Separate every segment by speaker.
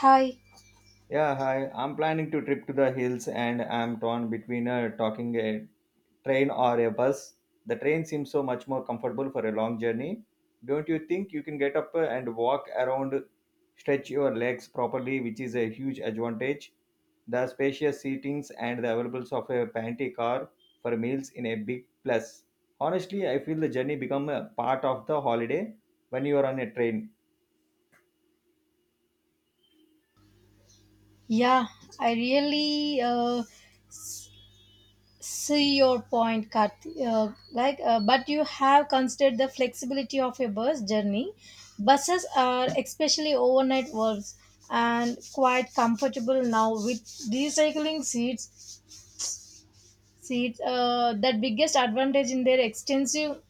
Speaker 1: Hi.
Speaker 2: Yeah, hi. I'm planning to trip to the hills and I'm torn between talking a train or a bus. The train seems so much more comfortable for a long journey. Don't you think you can get up and walk around, stretch your legs properly, which is a huge advantage? The spacious seatings and the availability of a pantry car for meals in a big plus. Honestly, I feel the journey become a part of the holiday when you are on a train.
Speaker 1: Yeah, I really see your point, Karthi. But you have considered the flexibility of a bus journey. Buses are especially overnight works and quite comfortable now with recycling seats. Seats. That biggest advantage in their extensive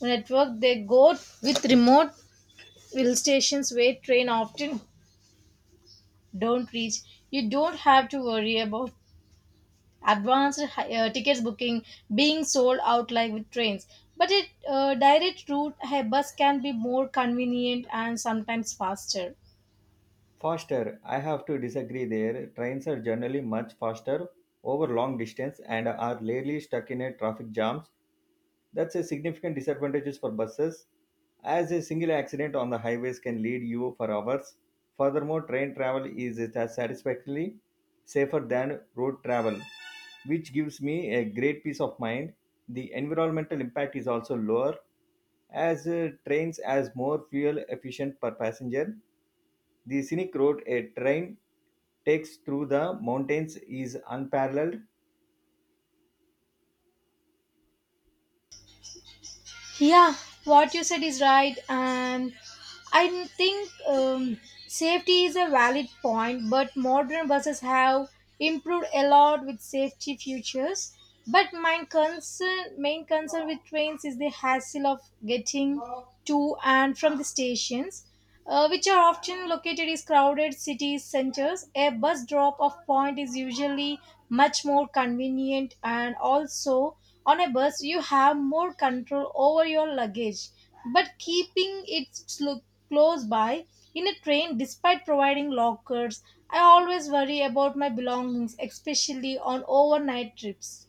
Speaker 1: network. They go with remote hill stations where train often don't reach. You don't have to worry about advanced tickets booking being sold out like with trains but a direct route a bus can be more convenient and sometimes faster.
Speaker 2: Faster, I have to disagree there. Trains are generally much faster over long distance and are rarely stuck in a traffic jams. That's a significant disadvantage for buses, as a single accident on the highways can lead you for hours. Furthermore, train travel is as satisfactorily safer than road travel, which gives me a great peace of mind. The environmental impact is also lower, as trains as more fuel efficient per passenger. The scenic road a train takes through the mountains is unparalleled.
Speaker 1: Yeah, what you said is right, and I think, safety is a valid point but modern buses have improved a lot with safety features but my concern with trains is the hassle of getting to and from the stations, which are often located in crowded city centers. A bus drop-off point is usually much more convenient, and also on a bus you have more control over your luggage. But keeping it close by in a train, despite providing lockers, I always worry about my belongings, especially on overnight trips.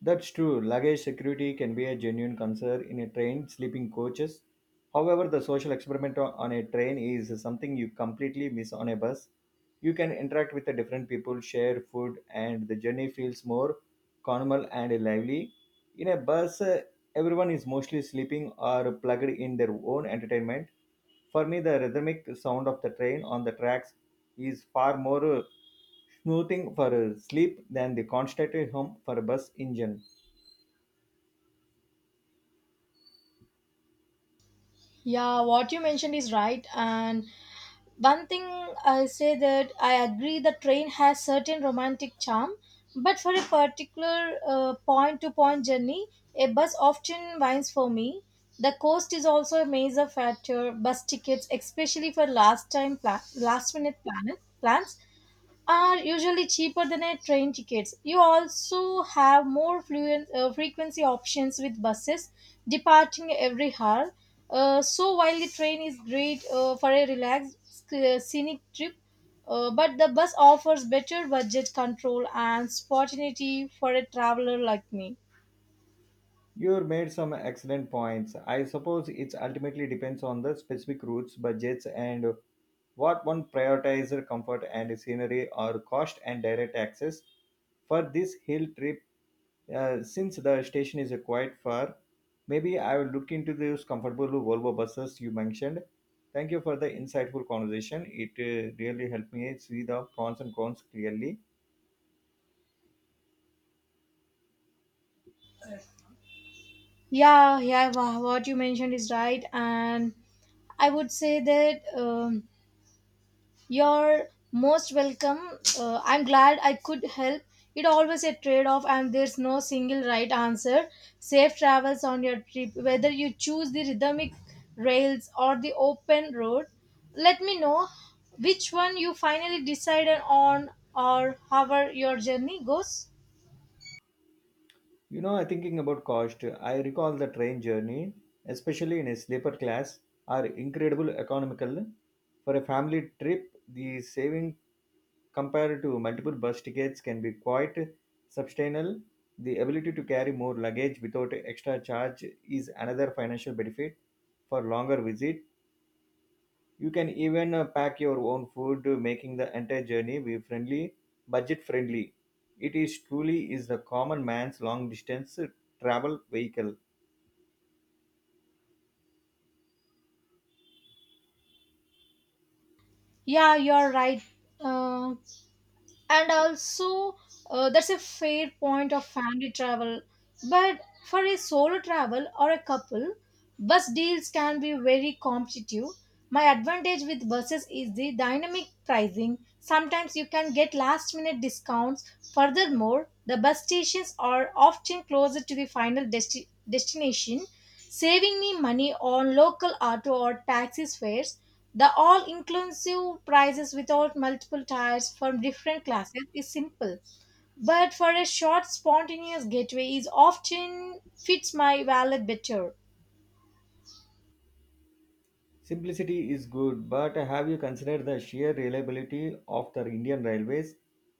Speaker 2: That's true. Luggage security can be a genuine concern in a train, sleeping coaches. However, the social experiment on a train is something you completely miss on a bus. You can interact with the different people, share food, and the journey feels more communal and lively. In a bus, everyone is mostly sleeping or plugged in their own entertainment. For me, the rhythmic sound of the train on the tracks is far more. Smoothing for a sleep than the constantly hum for a bus engine.
Speaker 1: Yeah, what you mentioned is right. And one thing I say that I agree the train has certain romantic charm, but for a particular point to point journey, a bus often wins for me. The cost is also a major factor. Bus tickets, especially for last minute plans, are usually cheaper than a train tickets. You also have more fluent, frequency options with buses departing every hour. So while the train is great for a relaxed scenic trip, but the bus offers better budget control and spontaneity for a traveler like me.
Speaker 2: You made some excellent points. I suppose it ultimately depends on the specific routes, budgets, and what one prioritizes comfort and scenery or cost and direct access. For this hill trip, since the station is quite far, maybe I will look into those comfortable Volvo buses you mentioned. Thank you for the insightful conversation. It really helped me see the pros and cons clearly.
Speaker 1: Yeah, yeah, what you mentioned is right, and I would say that. You're most welcome. I'm glad I could help. It always a trade off, and there's no single right answer. Safe travels on your trip, whether you choose the rhythmic rails or the open road. Let me know which one you finally decided on, or however your journey goes.
Speaker 2: You know, I thinking about cost. I recall the train journey, especially in a sleeper class, are incredible economical. For a family trip, the saving compared to multiple bus tickets can be quite substantial. The ability to carry more luggage without extra charge is another financial benefit for longer visit. You can even pack your own food, making the entire journey be friendly, budget friendly. It is truly is the common man's long distance travel vehicle.
Speaker 1: Yeah, you're right. Uh, and also that's a fair point of family travel but for a solo travel or a couple bus deals can be very competitive. My advantage with buses is the dynamic pricing, sometimes you can get last minute discounts. Furthermore, the bus stations are often closer to the final destination, saving me money on local auto or taxi fares. The all inclusive prices without multiple tiers from different classes is simple, but for a short spontaneous getaway is often fits my wallet better.
Speaker 2: Simplicity is good, but have you considered the sheer reliability of the Indian railways?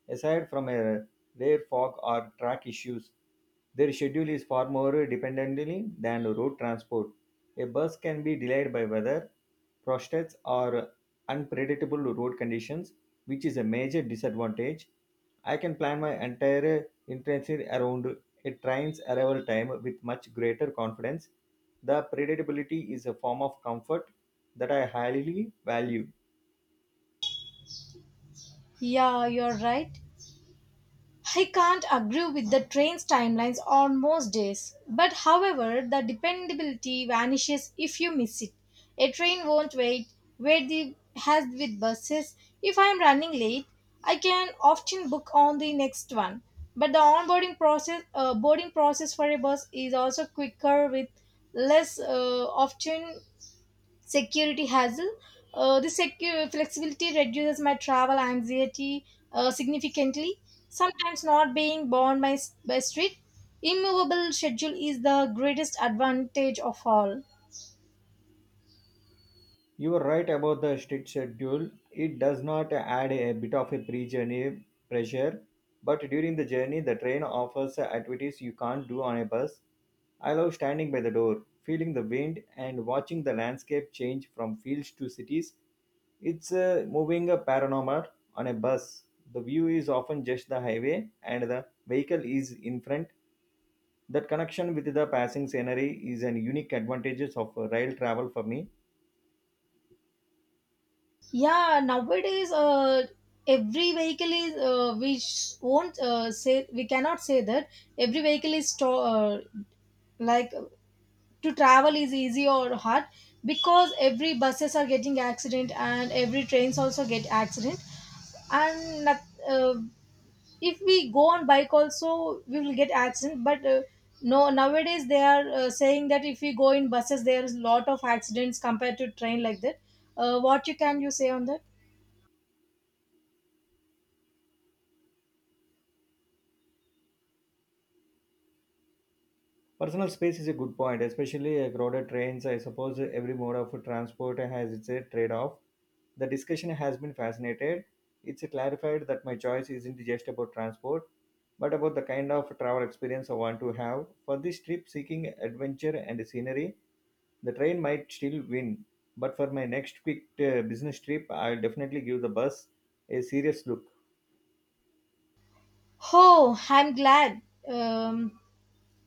Speaker 2: Aside from a rare fog or track issues, their schedule is far more dependently than road transport. A bus can be delayed by weather, protests, or unpredictable road conditions, which is a major disadvantage. I can plan my entire internship around a train's arrival time with much greater confidence. The predictability is a form of comfort that I highly value.
Speaker 1: Yeah, you're right. I can't agree with the train's timelines on most days, but however, the dependability vanishes if you miss it. A train won't wait where the has with buses. If I am running late, I can often book on the next one. But the boarding process for a bus is also quicker with less often security hassle. Flexibility reduces my travel anxiety significantly. Sometimes not being bound by, by strict, immovable schedule is the greatest advantage of all.
Speaker 2: You are right about the strict schedule. It does not add a bit of a pre-journey pressure, but during the journey, the train offers activities you can't do on a bus. I love standing by the door, feeling the wind, and watching the landscape change from fields to cities. It's a moving a panorama on a bus. The view is often just the highway, and the vehicle is in front. That connection with the passing scenery is an unique advantage of rail travel for me.
Speaker 1: Yeah, nowadays every vehicle is won't say, we cannot say that every vehicle is like to travel is easy or hard, because every buses are getting accident and every trains also get accident and not, uh, if we go on bike also we will get accident but no nowadays they are saying that if we go in buses there is lot of accidents compared to train like that. What you can you say on that?
Speaker 2: Personal space is a good point, especially crowded trains. I suppose every mode of transport has its trade off. The discussion has been fascinated. It's clarified that my choice isn't just about transport, but about the kind of travel experience I want to have. For this trip, seeking adventure and scenery, the train might still win. But for my next quick business trip, I'll definitely give the bus a serious look.
Speaker 1: Oh, I'm glad. Um,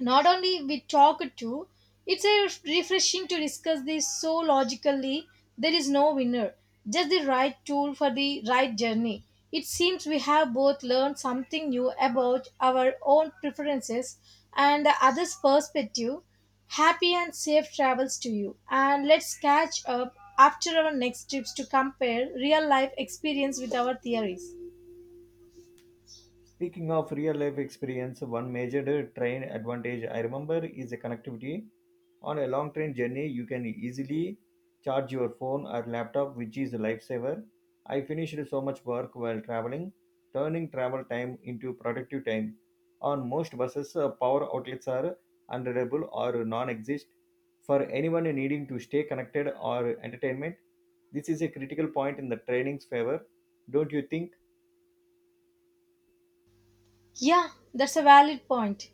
Speaker 1: Not only we talked to, it's a refreshing to discuss this so logically. There is no winner, just the right tool for the right journey. It seems we have both learned something new about our own preferences and the other's perspective. Happy and safe travels to you, and let's catch up after our next trips to compare real life experience with our theories.
Speaker 2: Speaking of real life experience, one major train advantage I remember is the connectivity. On a long train journey, you can easily charge your phone or laptop, which is a lifesaver. I finished so much work while traveling, turning travel time into productive time. On most buses, power outlets are unreliable or non exist. For anyone needing to stay connected or entertainment, this is a critical point in the training's favor, don't you think?
Speaker 1: Yeah, that's a valid point.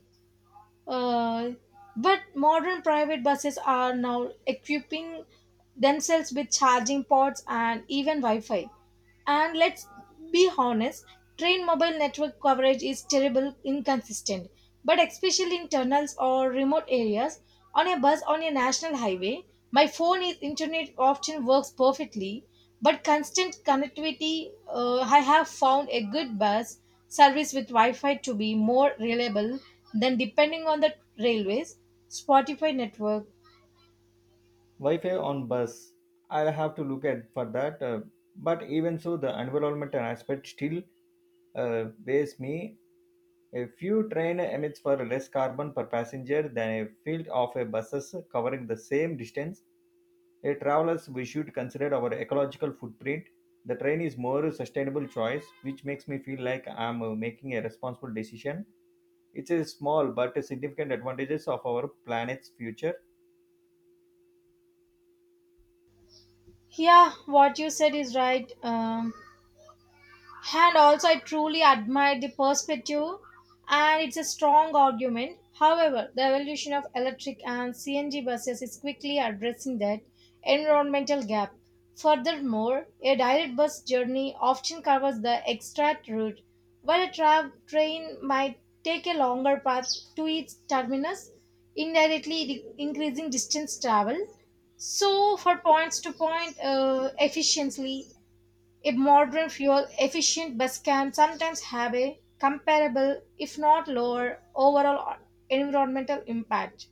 Speaker 1: Uh, but modern private buses are now equipping themselves with charging ports and even Wi-Fi. And let's be honest, train mobile network coverage is terrible inconsistent. But especially in tunnels or remote areas, on a bus on a national highway, my phone is internet often works perfectly. But constant connectivity, I have found a good bus service with Wi-Fi to be more reliable than depending on the railways, Spotify network.
Speaker 2: Wi-Fi on bus, I'll have to look at for that, but even so, the environment aspect still weighs me. A few train emits for less carbon per passenger than a field of a buses covering the same distance. A travelers we should consider our ecological footprint. The train is more sustainable choice, which makes me feel like I'm making a responsible decision. It's a small but significant advantages of our planet's future.
Speaker 1: Yeah, what you said is right. And also, I truly admire the perspective, and it's a strong argument. However, the evolution of electric and CNG buses is quickly addressing that environmental gap. Furthermore, a direct bus journey often covers the extract route, while a train might take a longer path to its terminus, indirectly increasing distance travel. So, for points to point efficiently, a modern fuel efficient bus can sometimes have a comparable, if not lower, overall environmental impact.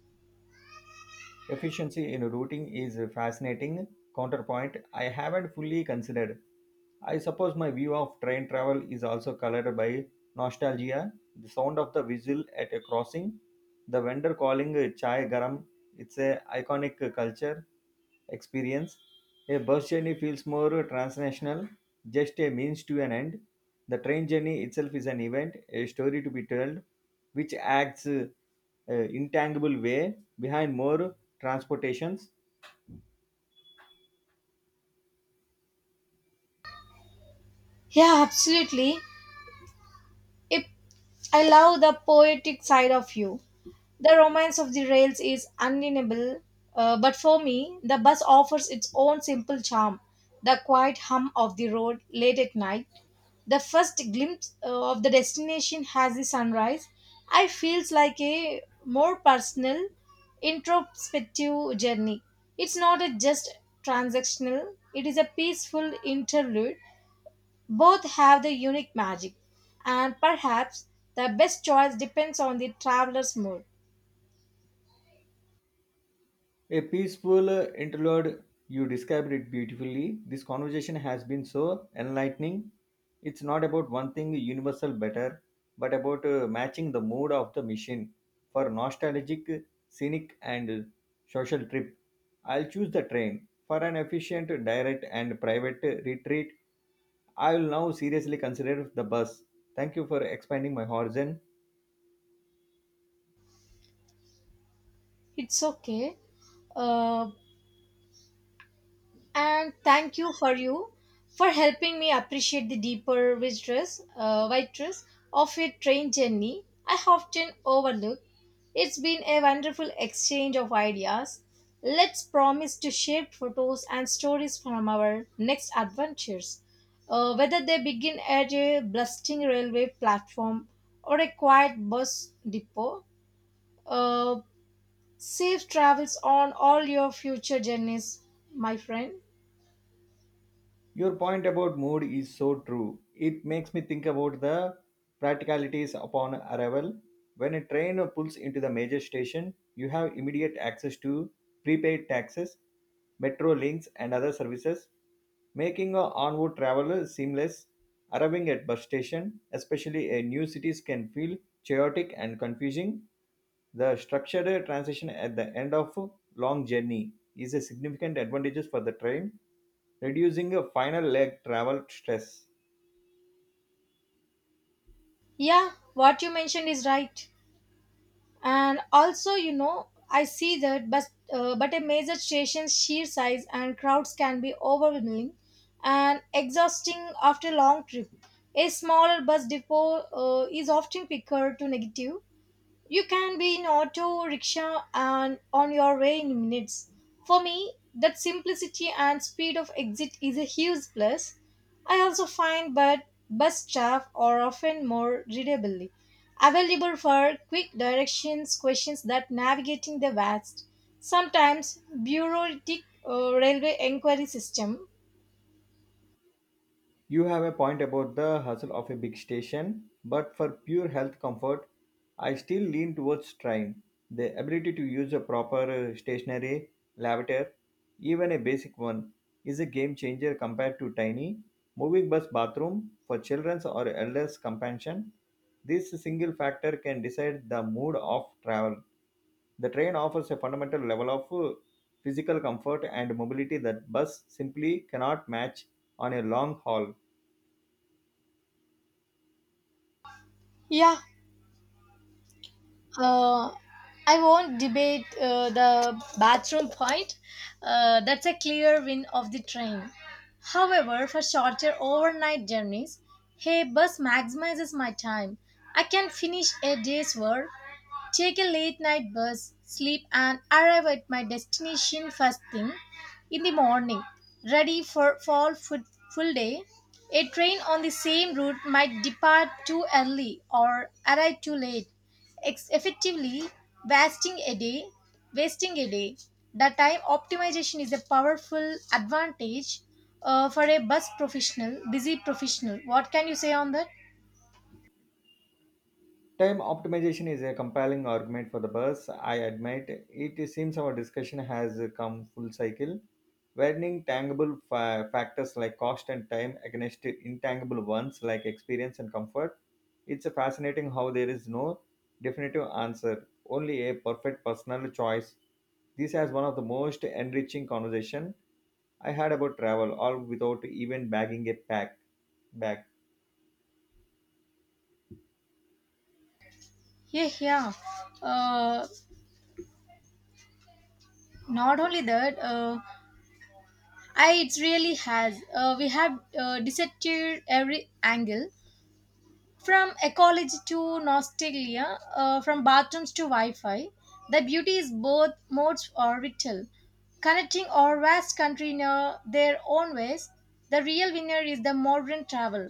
Speaker 2: Efficiency in routing is a fascinating counterpoint I haven't fully considered. I suppose my view of train travel is also colored by nostalgia. The sound of the whistle at a crossing, the vendor calling chai garam, it's a iconic culture experience. A bus journey feels more transnational, just a means to an end. The train journey itself is an event, a story to be told, which acts intangible way behind more transportations.
Speaker 1: Yeah, absolutely. If I love the poetic side of you. The romance of the rails is undeniable, but for me, the bus offers its own simple charm. The quiet hum of the road late at night, the first glimpse of the destination has the sunrise, I feels like a more personal introspective journey. It's not a just transactional, it is a peaceful interlude. Both have the unique magic, and perhaps the best choice depends on the traveler's mood.
Speaker 2: A peaceful interlude. You described it beautifully. This conversation has been so enlightening. It's not about one thing universal better, but about matching the mood of the mission for nostalgic, scenic, and social trip. I'll choose the train for an efficient, direct, and private retreat. I will now seriously consider the bus. Thank you for expanding my horizon.
Speaker 1: It's okay. uh, and thank you for you for helping me appreciate the deeper waitress of your train journey I often overlook. It's been a wonderful exchange of ideas. Let's promise to share photos and stories from our next adventures, whether they begin at a bustling railway platform or a quiet bus depot. Uh, safe travels on all your future journeys, my friend.
Speaker 2: Your point about mood is so true. It makes me think about the practicalities upon arrival. When a train pulls into the major station, you have immediate access to prepaid taxis, metro links, and other services, making a onward travel seamless. Arriving at bus station, especially in new cities, can feel chaotic and confusing. The structured transition at the end of a long journey is a significant advantage for the train, reducing a final leg travel stress.
Speaker 1: Yeah, what you mentioned is right. And also, you know, I see that, but a major station's sheer size and crowds can be overwhelming and exhausting after a long trip. A smaller bus depot is often quicker to negative, you can be in auto, rickshaw, and on your way in minutes. For me, that simplicity and speed of exit is a huge plus. I also find that bus staff are often more readably available for quick directions questions that navigating the vast, sometimes bureaucratic railway inquiry system.
Speaker 2: You have a point about the hustle of a big station, but for pure health comfort, I still lean towards train. The ability to use a proper stationary lavator, even a basic one, is a game changer compared to tiny moving bus bathroom for children's or elders' companion. This single factor can decide the mood of travel. The train offers a fundamental level of physical comfort and mobility that bus simply cannot match on a long haul.
Speaker 1: Yeah, Uh, I won't debate the bathroom point. That's a clear win of the train. However, for shorter overnight journeys, hey, bus maximizes my time. I can finish a day's work, take a late night bus, sleep, and arrive at my destination first thing in the morning, ready for fall full full day. A train on the same route might depart too early or arrive too late, effectively wasting a day. Wasting a day. The time optimization is a powerful advantage for a busy professional. What can you say on that?
Speaker 2: Time optimization is a compelling argument for the bus, I admit. It seems our discussion has come full cycle, weighing tangible factors like cost and time against intangible ones like experience and comfort. It's fascinating how there is no definitive answer, only a perfect personal choice. This has one of the most enriching conversation I had about travel, all without even bagging a pack bag.
Speaker 1: Yeah, yeah. Uh, Not only that, it really has. We have dissected every angle, from ecology to nostalgia, from bathrooms to Wi Fi, the beauty is both modes or vital. Connecting our vast country in their own ways, the real winner is the modern travel,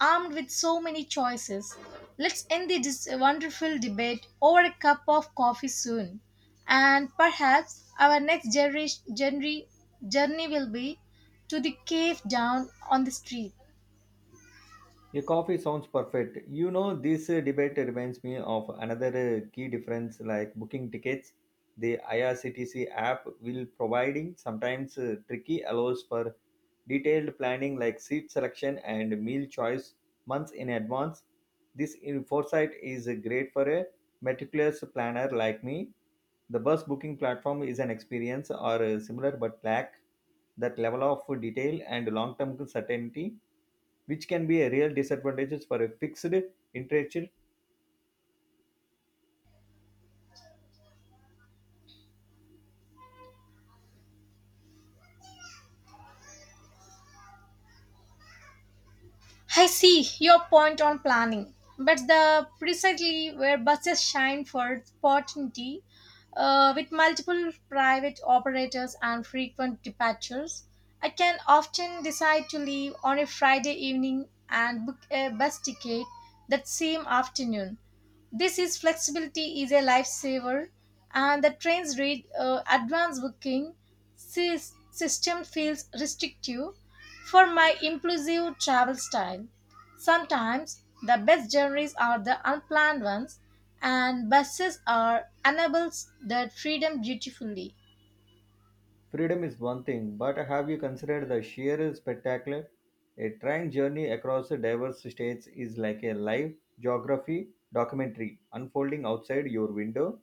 Speaker 1: armed with so many choices. Let's end this wonderful debate over a cup of coffee soon. And perhaps our next generation, journey will be to the cave down on the street.
Speaker 2: A coffee sounds perfect. You know, this debate reminds me of another key difference like booking tickets. The IRCTC app will providing sometimes tricky allows for detailed planning like seat selection and meal choice months in advance. This in foresight is great for a meticulous planner like me. The bus booking platform is an experience or similar but lack that level of detail and long-term certainty which can be a real disadvantage for a fixed interest.
Speaker 1: I see your point on planning, but the precisely where buses shine for opportunity, with multiple private operators and frequent departures, I can often decide to leave on a Friday evening and book a bus ticket that same afternoon. This is flexibility is a lifesaver, and the train's read advanced booking system feels restrictive for my impulsive travel style. Sometimes the best journeys are the unplanned ones, and buses are enables that freedom beautifully.
Speaker 2: Freedom is one thing, but have you considered the sheer spectacle? A train journey across diverse states is like a live geography documentary unfolding outside your window.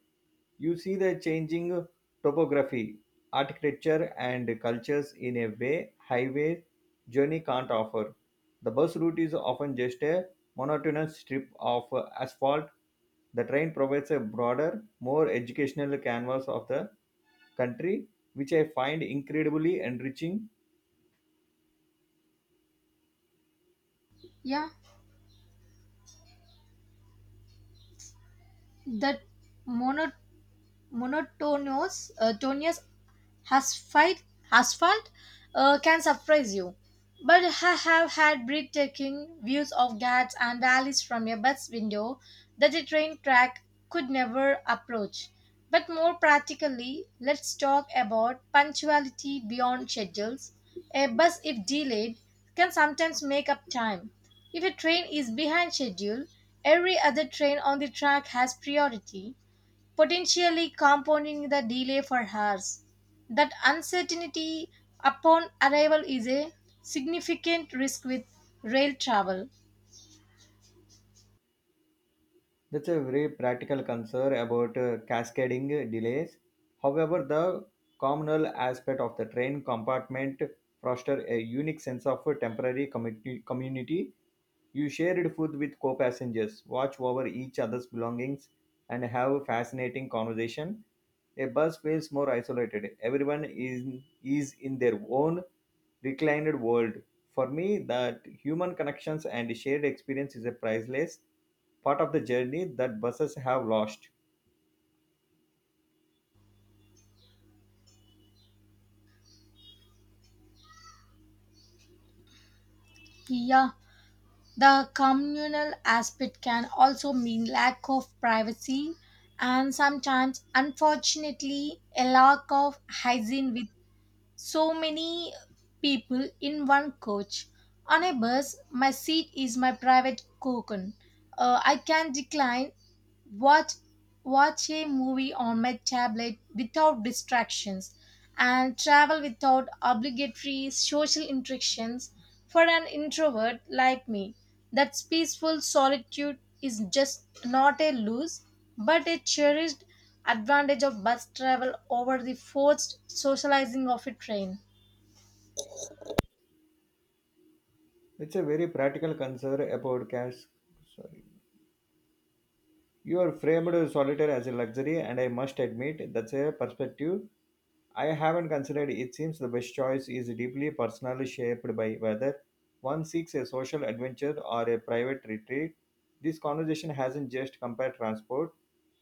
Speaker 2: You see the changing topography, architecture, and cultures in a way highway journey can't offer. The bus route is often just a monotonous strip of asphalt. The train provides a broader, more educational canvas of the country, which I find incredibly enriching.
Speaker 1: Yeah, that mono monotonous tonous asphalt, asphalt can surprise you. But I have had breathtaking views of Ghats and valleys from a bus window that a train track could never approach. But more practically, let's talk about punctuality beyond schedules. A bus, if delayed, can sometimes make up time. If a train is behind schedule, every other train on the track has priority potentially compounding the delay for hours. That uncertainty upon arrival is a significant risk with rail travel.
Speaker 2: That's a very practical concern about cascading delays. However, the communal aspect of the train compartment fosters a unique sense of temporary community. You shared food with co-passengers, watch over each other's belongings, and have a fascinating conversation. A bus feels more isolated. Everyone is in their own reclined world. For me, that human connections and shared experience is a priceless part of the journey that buses have lost.
Speaker 1: Yeah, the communal aspect can also mean lack of privacy and sometimes, unfortunately, a lack of hygiene with so many people in one coach. On a bus, my seat is my private cocoon. I can decline, watch, watch a movie on my tablet without distractions, and travel without obligatory social interactions for an introvert like me. That peaceful solitude is just not a loss, but a cherished advantage of bus travel over the forced socializing of a train.
Speaker 2: It's a very practical concern about cars. You are framed solitaire as a luxury, and I must admit that's a perspective I haven't considered. It seems the best choice is deeply personally shaped by whether one seeks a social adventure or a private retreat. This conversation hasn't just compared transport,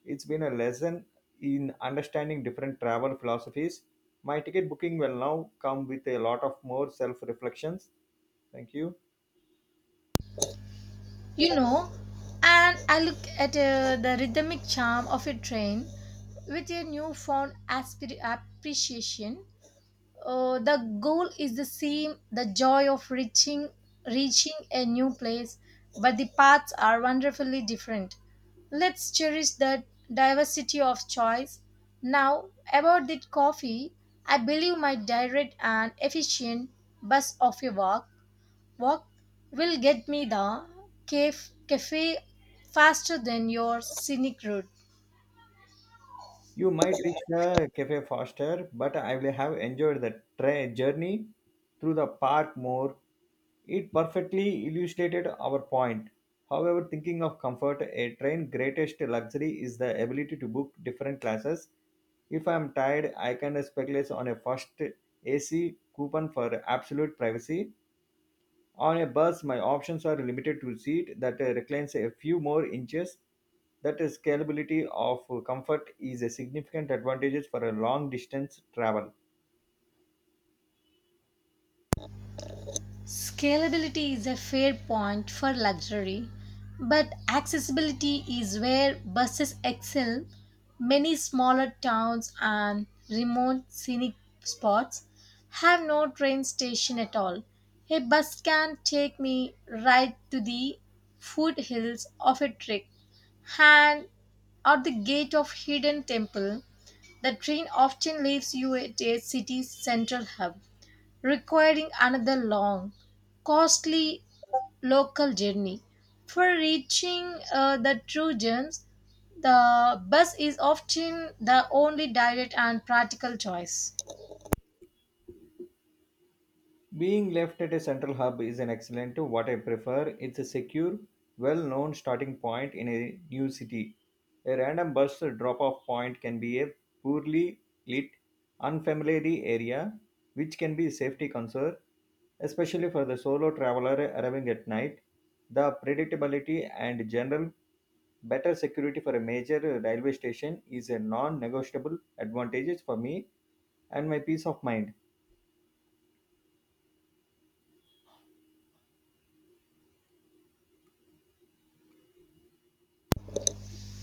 Speaker 2: it's been a lesson in understanding different travel philosophies. My ticket booking will now come with a lot of more self reflections. Thank you.
Speaker 1: You know, and I look at the rhythmic charm of a train with a newfound appreciation. The goal is the same, the joy of reaching a new place, but the paths are wonderfully different. Let's cherish the diversity of choice. Now about the coffee, I believe my direct and efficient bus of a walk will get me the cafe, cafe faster than your scenic route.
Speaker 2: You might reach the cafe faster, but I will have enjoyed the journey through the park more. It perfectly illustrated our point. However, thinking of comfort, a train greatest luxury is the ability to book different classes. If I am tired, I can speculate on a first AC coupon for absolute privacy. On a bus, my options are limited to seat that reclines a few more inches. That is scalability of comfort is a significant advantage for a long distance travel.
Speaker 1: Scalability is a fair point for luxury, but accessibility is where buses excel. Many smaller towns and remote scenic spots have no train station at all. A bus can take me right to the foothills of a trek and at the gate of hidden temple. The train often leaves you at a city's central hub, requiring another long, costly local journey. For reaching the true gems, the bus is often the only direct and practical choice.
Speaker 2: Being left at a central hub is an excellent to what I prefer. It's a secure, well known starting point in a new city. A random bus drop off point can be a poorly lit, unfamiliar area, which can be a safety concern, especially for the solo traveler arriving at night. The predictability and general better security for a major railway station is a non negotiable advantage for me and my peace of mind.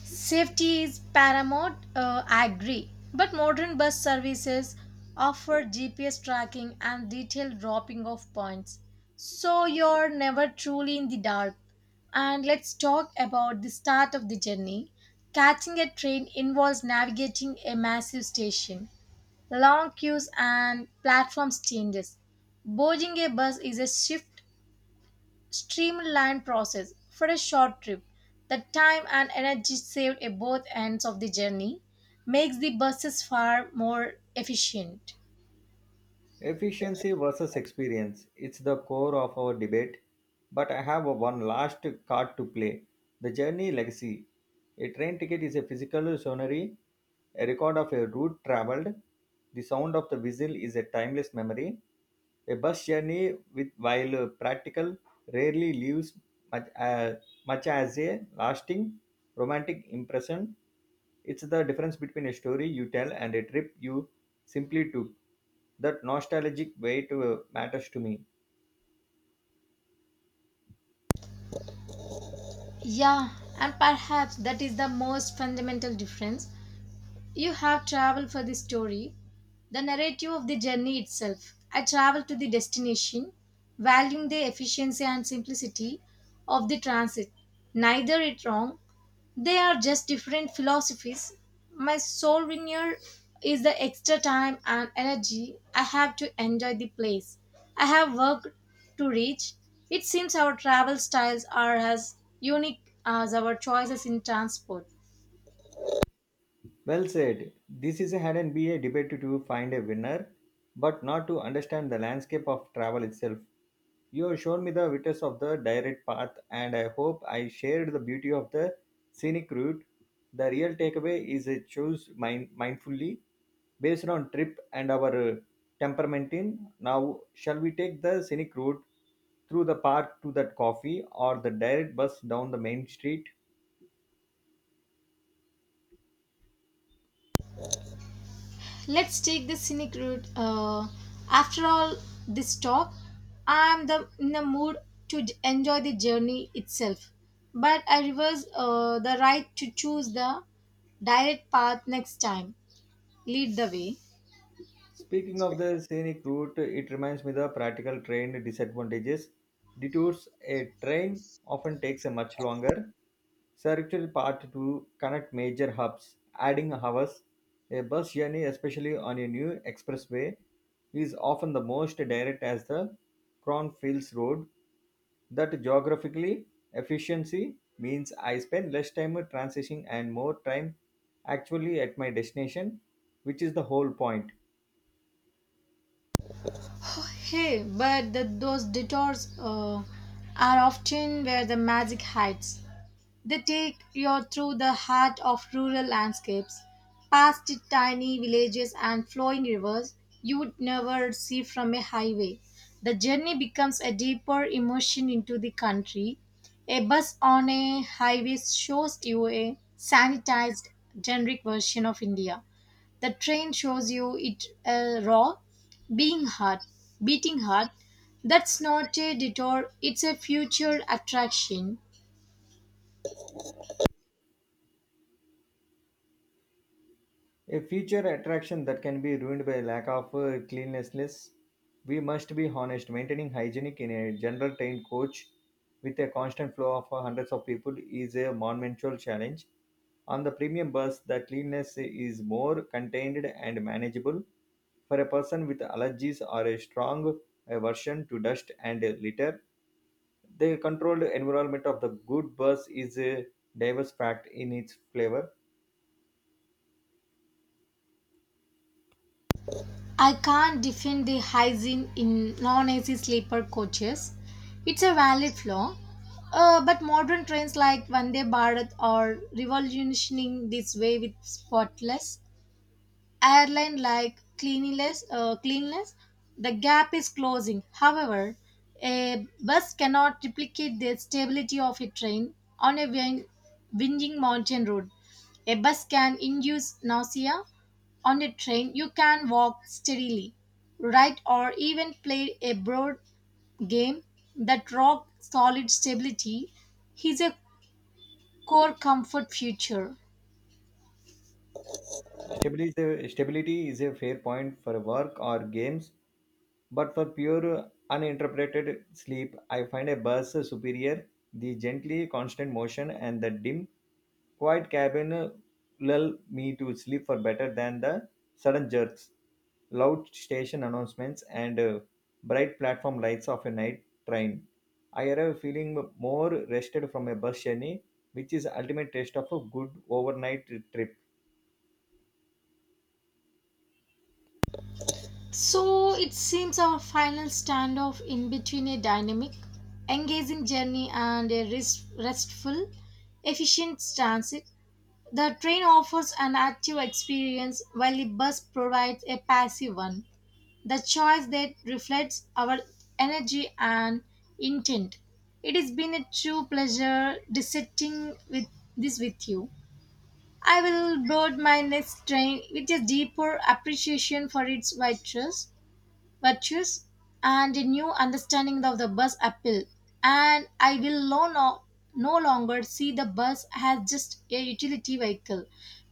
Speaker 1: Safety is paramount, I agree. But modern bus services offer GPS tracking and detailed dropping off points. So you're never truly in the dark. And let's talk about the start of the journey. Catching a train involves navigating a massive station, long queues, and platform changes. Boarding a bus is a shift streamlined process for a short trip. The time and energy saved at both ends of the journey makes the buses far more efficient.
Speaker 2: Efficiency versus experience. It's the core of our debate. But I have a one last card to play the journey legacy. A train ticket is a physical sonnery, a record of a route traveled. The sound of the whistle is a timeless memory. A bus journey, with, while practical, rarely leaves much, uh, much as a lasting romantic impression it's the difference between a story you tell and a trip you simply took. That nostalgic weight matters to me.
Speaker 1: Yeah, and perhaps that is the most fundamental difference. You have traveled for the story, the narrative of the journey itself. I travel to the destination, valuing the efficiency and simplicity of the transit. Neither it wrong. They are just different philosophies. My souvenir is the extra time and energy I have to enjoy the place I have worked to reach. It seems our travel styles are as unique as our choices in transport.
Speaker 2: Well said. This is a had and be a debate to find a winner, but not to understand the landscape of travel itself. You have shown me the vitals of the direct path, and I hope I shared the beauty of the scenic route. The real takeaway is a choose mindfully based on trip and our temperament in. Now, shall we take the scenic route through the park to that coffee or the direct bus down the main street?
Speaker 1: Let's take the scenic route. After all this talk, I am the, in the mood to enjoy the journey itself. But I reverse the right to choose the direct path next time. Lead the way.
Speaker 2: Speaking of the scenic route, it reminds me the practical train disadvantages. Detours a train often takes a much longer circuitry path to connect major hubs, adding hours. A bus journey, especially on a new expressway, is often the most direct as the Cronfields Road. That geographically efficiency means I spend less time transiting and more time actually at my destination, which is the whole point.
Speaker 1: Hey, but the, those detours are often where the magic hides. They take you through the heart of rural landscapes, past tiny villages and flowing rivers you would never see from a highway. The journey becomes a deeper immersion into the country. A bus on a highway shows you a sanitized, generic version of India. The train shows you it raw, being hard, beating hard. That's not a detour, it's a future attraction.
Speaker 2: A future attraction that can be ruined by lack of cleanliness. We must be honest. Maintaining hygienic in a general trained coach with a constant flow of hundreds of people is a monumental challenge. On the premium bus, the cleanliness is more contained and manageable. For a person with allergies or a strong aversion to dust and litter, the controlled environment of the good bus is a diverse fact in its flavor.
Speaker 1: I can't defend the hygiene in non AC sleeper coaches. It's a valid flaw. But modern trains like Vande Bharat are revolutionizing this way with spotless airline like cleanliness, the gap is closing. However, a bus cannot replicate the stability of a train on a winding mountain road. A bus can induce nausea. On a train, you can walk steadily, write, or even play a broad game. That rock solid stability is a core comfort feature.
Speaker 2: Stability is a fair point for work or games, but for pure uninterrupted sleep, I find a bus superior. The gently constant motion and the dim, quiet cabin lull me to sleep for better than the sudden jerks, loud station announcements, and bright platform lights of a night train. I arrive feeling more rested from a bus journey, which is ultimate test of a good overnight trip.
Speaker 1: So it seems our final standoff in between a dynamic, engaging journey and a restful, efficient transit. The train offers an active experience while the bus provides a passive one. The choice that reflects our energy and intent. It has been a true pleasure dissecting with this with you. I will board my next train with a deeper appreciation for its virtues and a new understanding of the bus appeal, and I will no longer see the bus as just a utility vehicle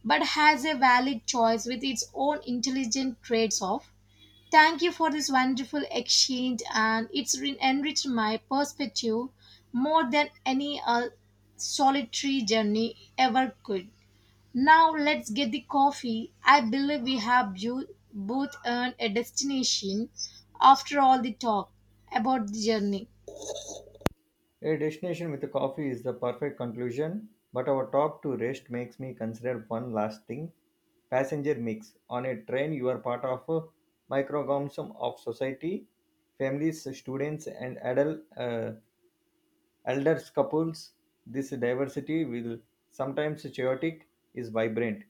Speaker 1: but has a valid choice with its own intelligent traits off. Thank you for this wonderful exchange, and it's enriched my perspective more than any solitary journey ever could. Now let's get the coffee. I believe we have both earned a destination after all the talk about the journey.
Speaker 2: A destination with a coffee is the perfect conclusion, but our talk to rest makes me consider one last thing. Passenger mix. On a train, you are part of a microcosm of society, families, students, and adults. Elder couples, this diversity will sometimes chaotic is vibrant.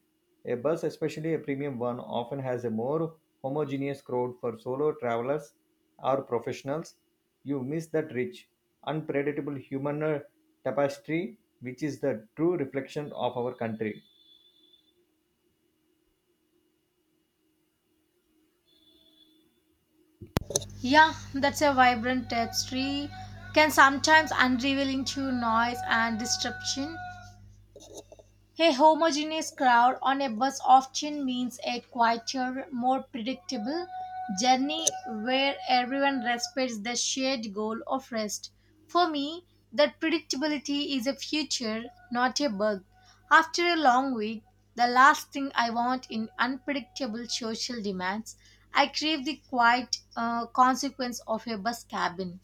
Speaker 2: A bus, especially a premium one, often has a more homogeneous crowd for solo travelers or professionals. You miss that rich, unpredictable human tapestry, which is the true reflection of our country.
Speaker 1: Yeah, that's a vibrant tapestry can sometimes unravel into noise and disruption. A homogeneous crowd on a bus often means a quieter, more predictable journey where everyone respects the shared goal of rest. For me, that predictability is a feature, not a bug. After a long week, the last thing I want in unpredictable social demands, I crave the quiet consequence of a bus cabin.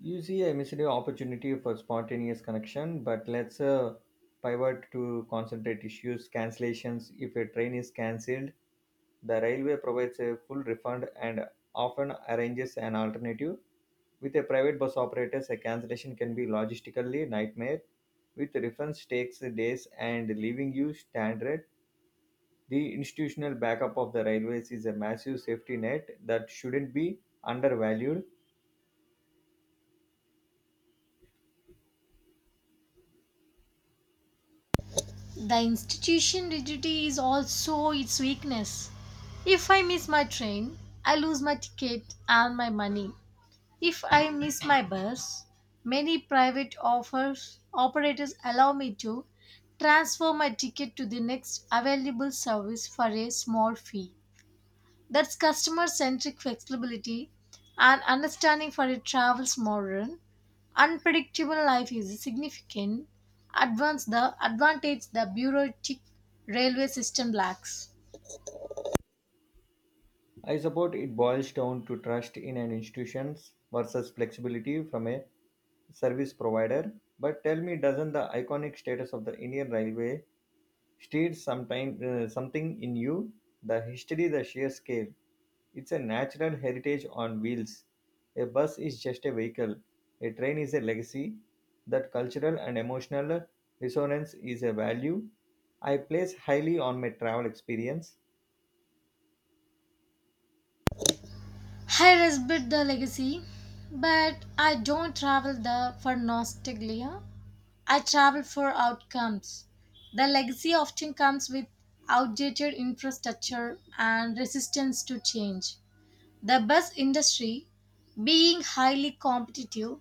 Speaker 2: You see, I missed an opportunity for spontaneous connection, but let's pivot to concentrate issues, cancellations. If a train is cancelled, the railway provides a full refund and often arranges an alternative. With a private bus operators, a cancellation can be logistically nightmare. With refunds takes days and leaving you stranded. The institutional backup of the railways is a massive safety net that shouldn't be undervalued.
Speaker 1: The institution rigidity is also its weakness. If I miss my train, I lose my ticket and my money. If I miss my bus, many private offers operators allow me to transfer my ticket to the next available service for a small fee. That's customer centric flexibility and understanding for a travel's modern, unpredictable life is a significant advance the advantage the bureaucratic railway system lacks.
Speaker 2: I suppose it boils down to trust in an institution versus flexibility from a service provider. But tell me, doesn't the iconic status of the Indian Railway stir something in you? The history, the sheer scale. It's a natural heritage on wheels. A bus is just a vehicle. A train is a legacy. That cultural and emotional resonance is a value I place highly on my travel experience.
Speaker 1: I respect the legacy, but I don't travel the for nostalgia. I travel for outcomes. The legacy often comes with outdated infrastructure and resistance to change. The bus industry, being highly competitive,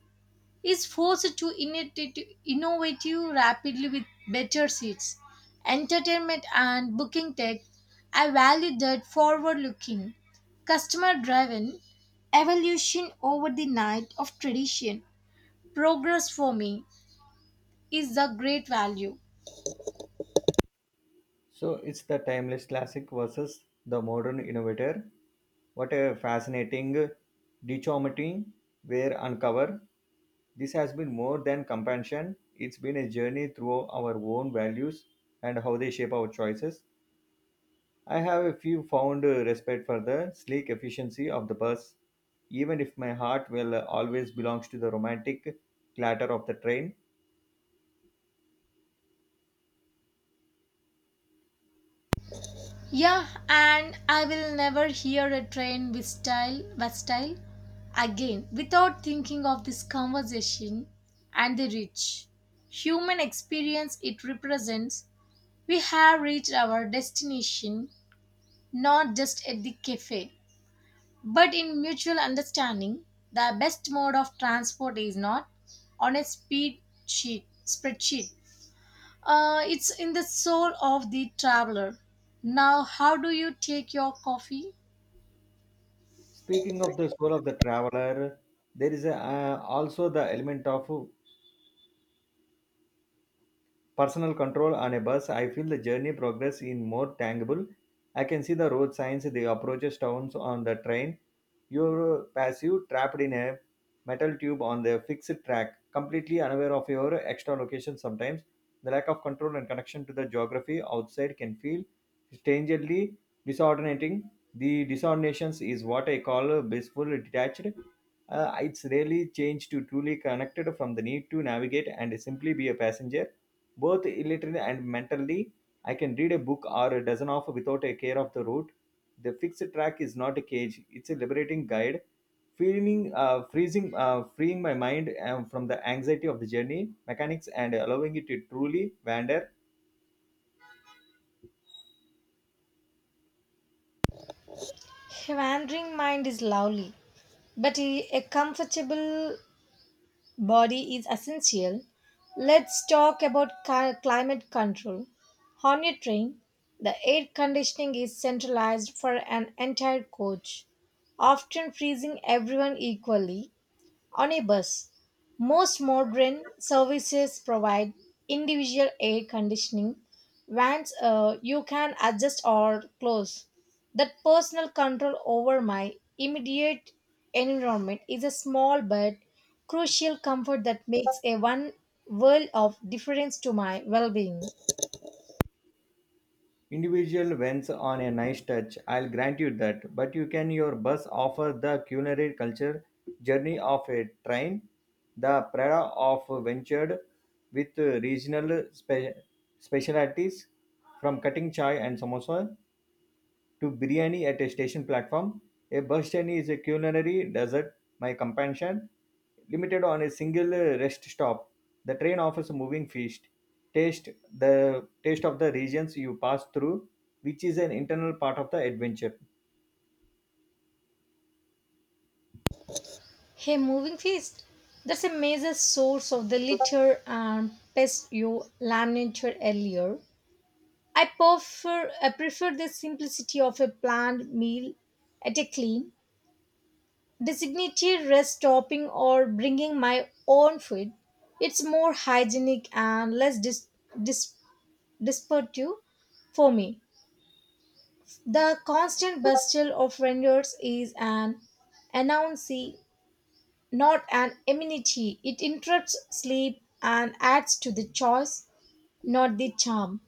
Speaker 1: is forced to innovative rapidly with better seats, entertainment, and booking tech. I value that forward looking, customer driven evolution over the night of tradition. Progress for me is the great value.
Speaker 2: So it's the timeless classic versus the modern innovator. What a fascinating dichotomy were uncover. This has been more than compassion. It's been a journey through our own values and how they shape our choices. I have a few found respect for the sleek efficiency of the bus, even if my heart will always belongs to the romantic clatter of the train.
Speaker 1: Yeah, and I will never hear a train with style again without thinking of this conversation and the rich human experience it represents. We have reached our destination not just at the cafe, but in mutual understanding. The best mode of transport is not on a spreadsheet. It's in the soul of the traveler. Now, how do you take your coffee?
Speaker 2: Speaking of the soul of the traveler, there is also the element of personal control on a bus, I feel the journey progress in more tangible. I can see the road signs, the approaches towns on the train. You're passive, trapped in a metal tube on the fixed track, completely unaware of your extra location sometimes. The lack of control and connection to the geography outside can feel strangely disordinating. The disordinations is what I call blissful detached. It's really changed to truly connected from the need to navigate and simply be a passenger both literally and mentally. I can read a book or a dozen of without a care of the route. The fixed track is not a cage; it's a liberating guide, feeling freeing my mind from the anxiety of the journey mechanics and allowing it to truly wander.
Speaker 1: A wandering mind is lovely, but a comfortable body is essential. Let's talk about climate control. On your train, the air conditioning is centralized for an entire coach, often freezing everyone equally. On a bus, most modern services provide individual air conditioning vans you can adjust or close. That personal control over my immediate environment is a small but crucial comfort that makes a one world of difference to my well being.
Speaker 2: Individual wines on a nice touch, I'll grant you that. But you can your bus offer the culinary culture journey of a train, the prada of ventured with regional specialties from cutting chai and samosa to biryani at a station platform. A bus journey is a culinary desert, my companion, limited on a single rest stop. The train offers a moving feast. Taste the taste of the regions you pass through, which is an internal part of the adventure.
Speaker 1: Hey, moving feast. That's a major source of the litter and pest you laminated earlier. I prefer the simplicity of a planned meal at a clean, designated rest stopping or bringing my own food. It's more hygienic and less dis, disruptive for me. The constant bustle of vendors is an annoyancy, not an amenity. It interrupts sleep and adds to the choice, not the charm.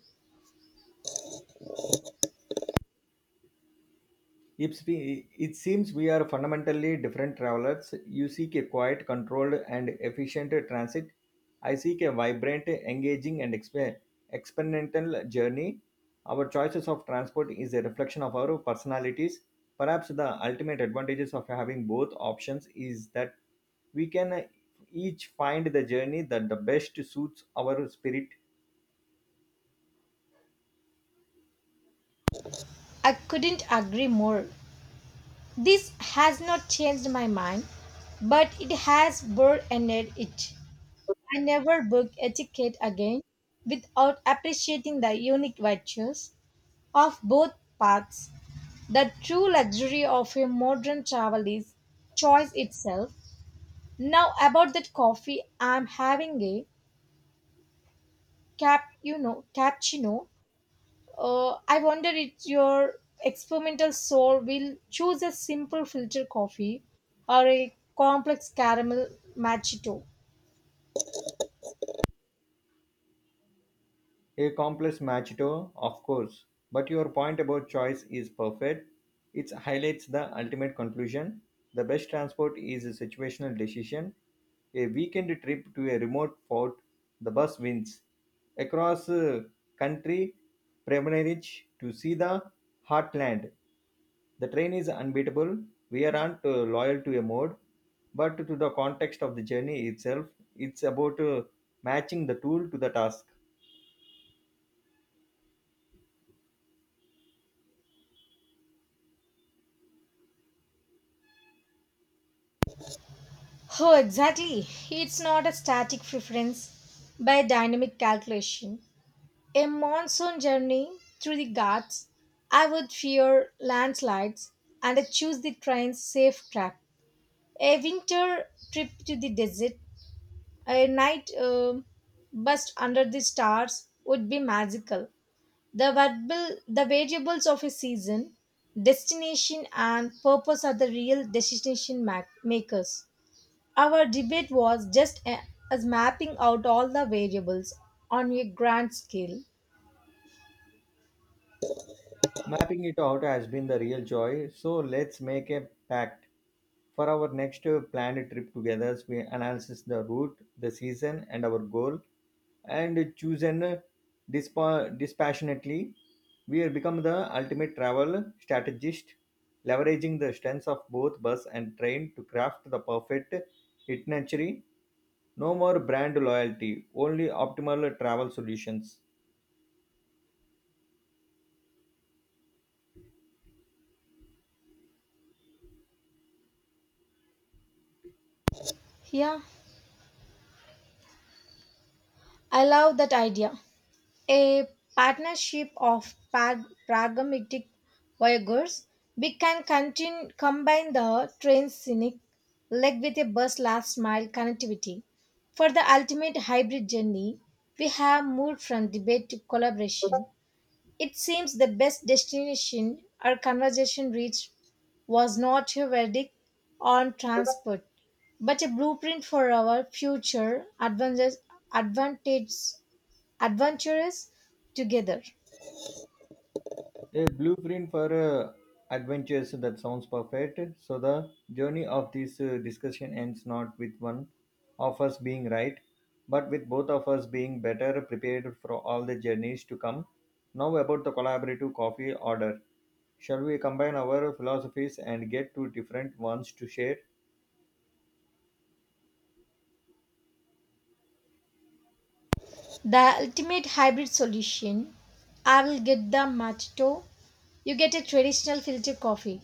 Speaker 2: It seems we are fundamentally different travelers. You seek a quiet, controlled, and efficient transit. I seek a vibrant, engaging, and experimental journey. Our choices of transport is a reflection of our personalities. Perhaps the ultimate advantages of having both options is that we can each find the journey that the best suits our spirit.
Speaker 1: I couldn't agree more. This has not changed my mind, but it has burdened it. I never book etiquette again without appreciating the unique virtues of both paths. The true luxury of a modern travel is choice itself. Now about that coffee, I'm having a cappuccino. I wonder if your experimental soul will choose a simple filter coffee or a complex caramel macchiato.
Speaker 2: A complex macchiato, of course, but your point about choice is perfect. It highlights the ultimate conclusion. The best transport is a situational decision. A weekend trip to a remote fort, the bus wins. Across country, Premierich to see the heartland. The train is unbeatable. We aren't loyal to a mode, but to the context of the journey itself, it's about matching the tool to the task.
Speaker 1: Oh, exactly. It's not a static preference by dynamic calculation. A monsoon journey through the Ghats, I would fear landslides and I choose the train's safe track. A winter trip to the desert, a night bust under the stars would be magical. The variables of a season, destination, and purpose are the real destination makers. Our debate was just as mapping out all the variables on a grand scale.
Speaker 2: Mapping it out has been the real joy, so let's make a pact. For our next planned trip together, we analyze the route, the season, and our goal, and choose an dispassionately. We have become the ultimate travel strategist, leveraging the strengths of both bus and train to craft the perfect itinerary. No more brand loyalty, only optimal travel solutions.
Speaker 1: Yeah, I love that idea. A partnership of pragmatic voyageurs, we can continue, combine the train's scenic leg with a bus last mile connectivity. For the ultimate hybrid journey, we have moved from debate to collaboration. It seems the best destination our conversation reached was not a verdict on transport, but a blueprint for our future advantages, advantages adventurous together.
Speaker 2: A blueprint for adventures that sounds perfect. So the journey of this discussion ends not with one of us being right, but with both of us being better prepared for all the journeys to come. Now about the collaborative coffee order. Shall we combine our philosophies and get two different ones to share?
Speaker 1: The ultimate hybrid solution. I will get the matto, you get a traditional filter coffee,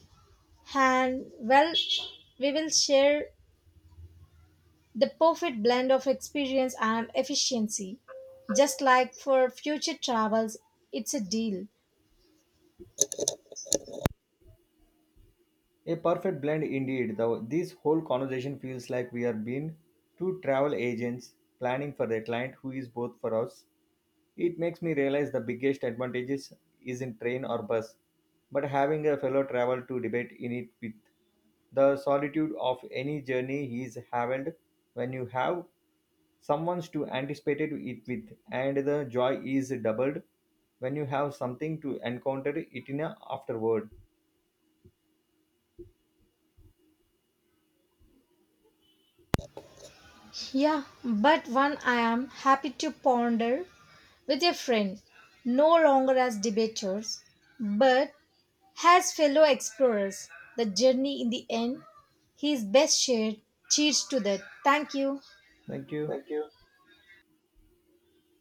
Speaker 1: and well, we will share the perfect blend of experience and efficiency. Just like for future travels, it's a deal.
Speaker 2: A perfect blend indeed. Though this whole conversation feels like we are being two travel agents planning for a client who is both for us. It makes me realize the biggest advantages isn't train or bus, but having a fellow travel to debate in it with. The solitude of any journey is haven't when you have someone to anticipate it with, and the joy is doubled when you have something to encounter it in a afterward.
Speaker 1: Yeah, but one I am happy to ponder with a friend, no longer as debaters, but as fellow explorers, the journey in the end is best shared. Cheers to that. Thank you.
Speaker 2: Thank you.
Speaker 1: Thank you.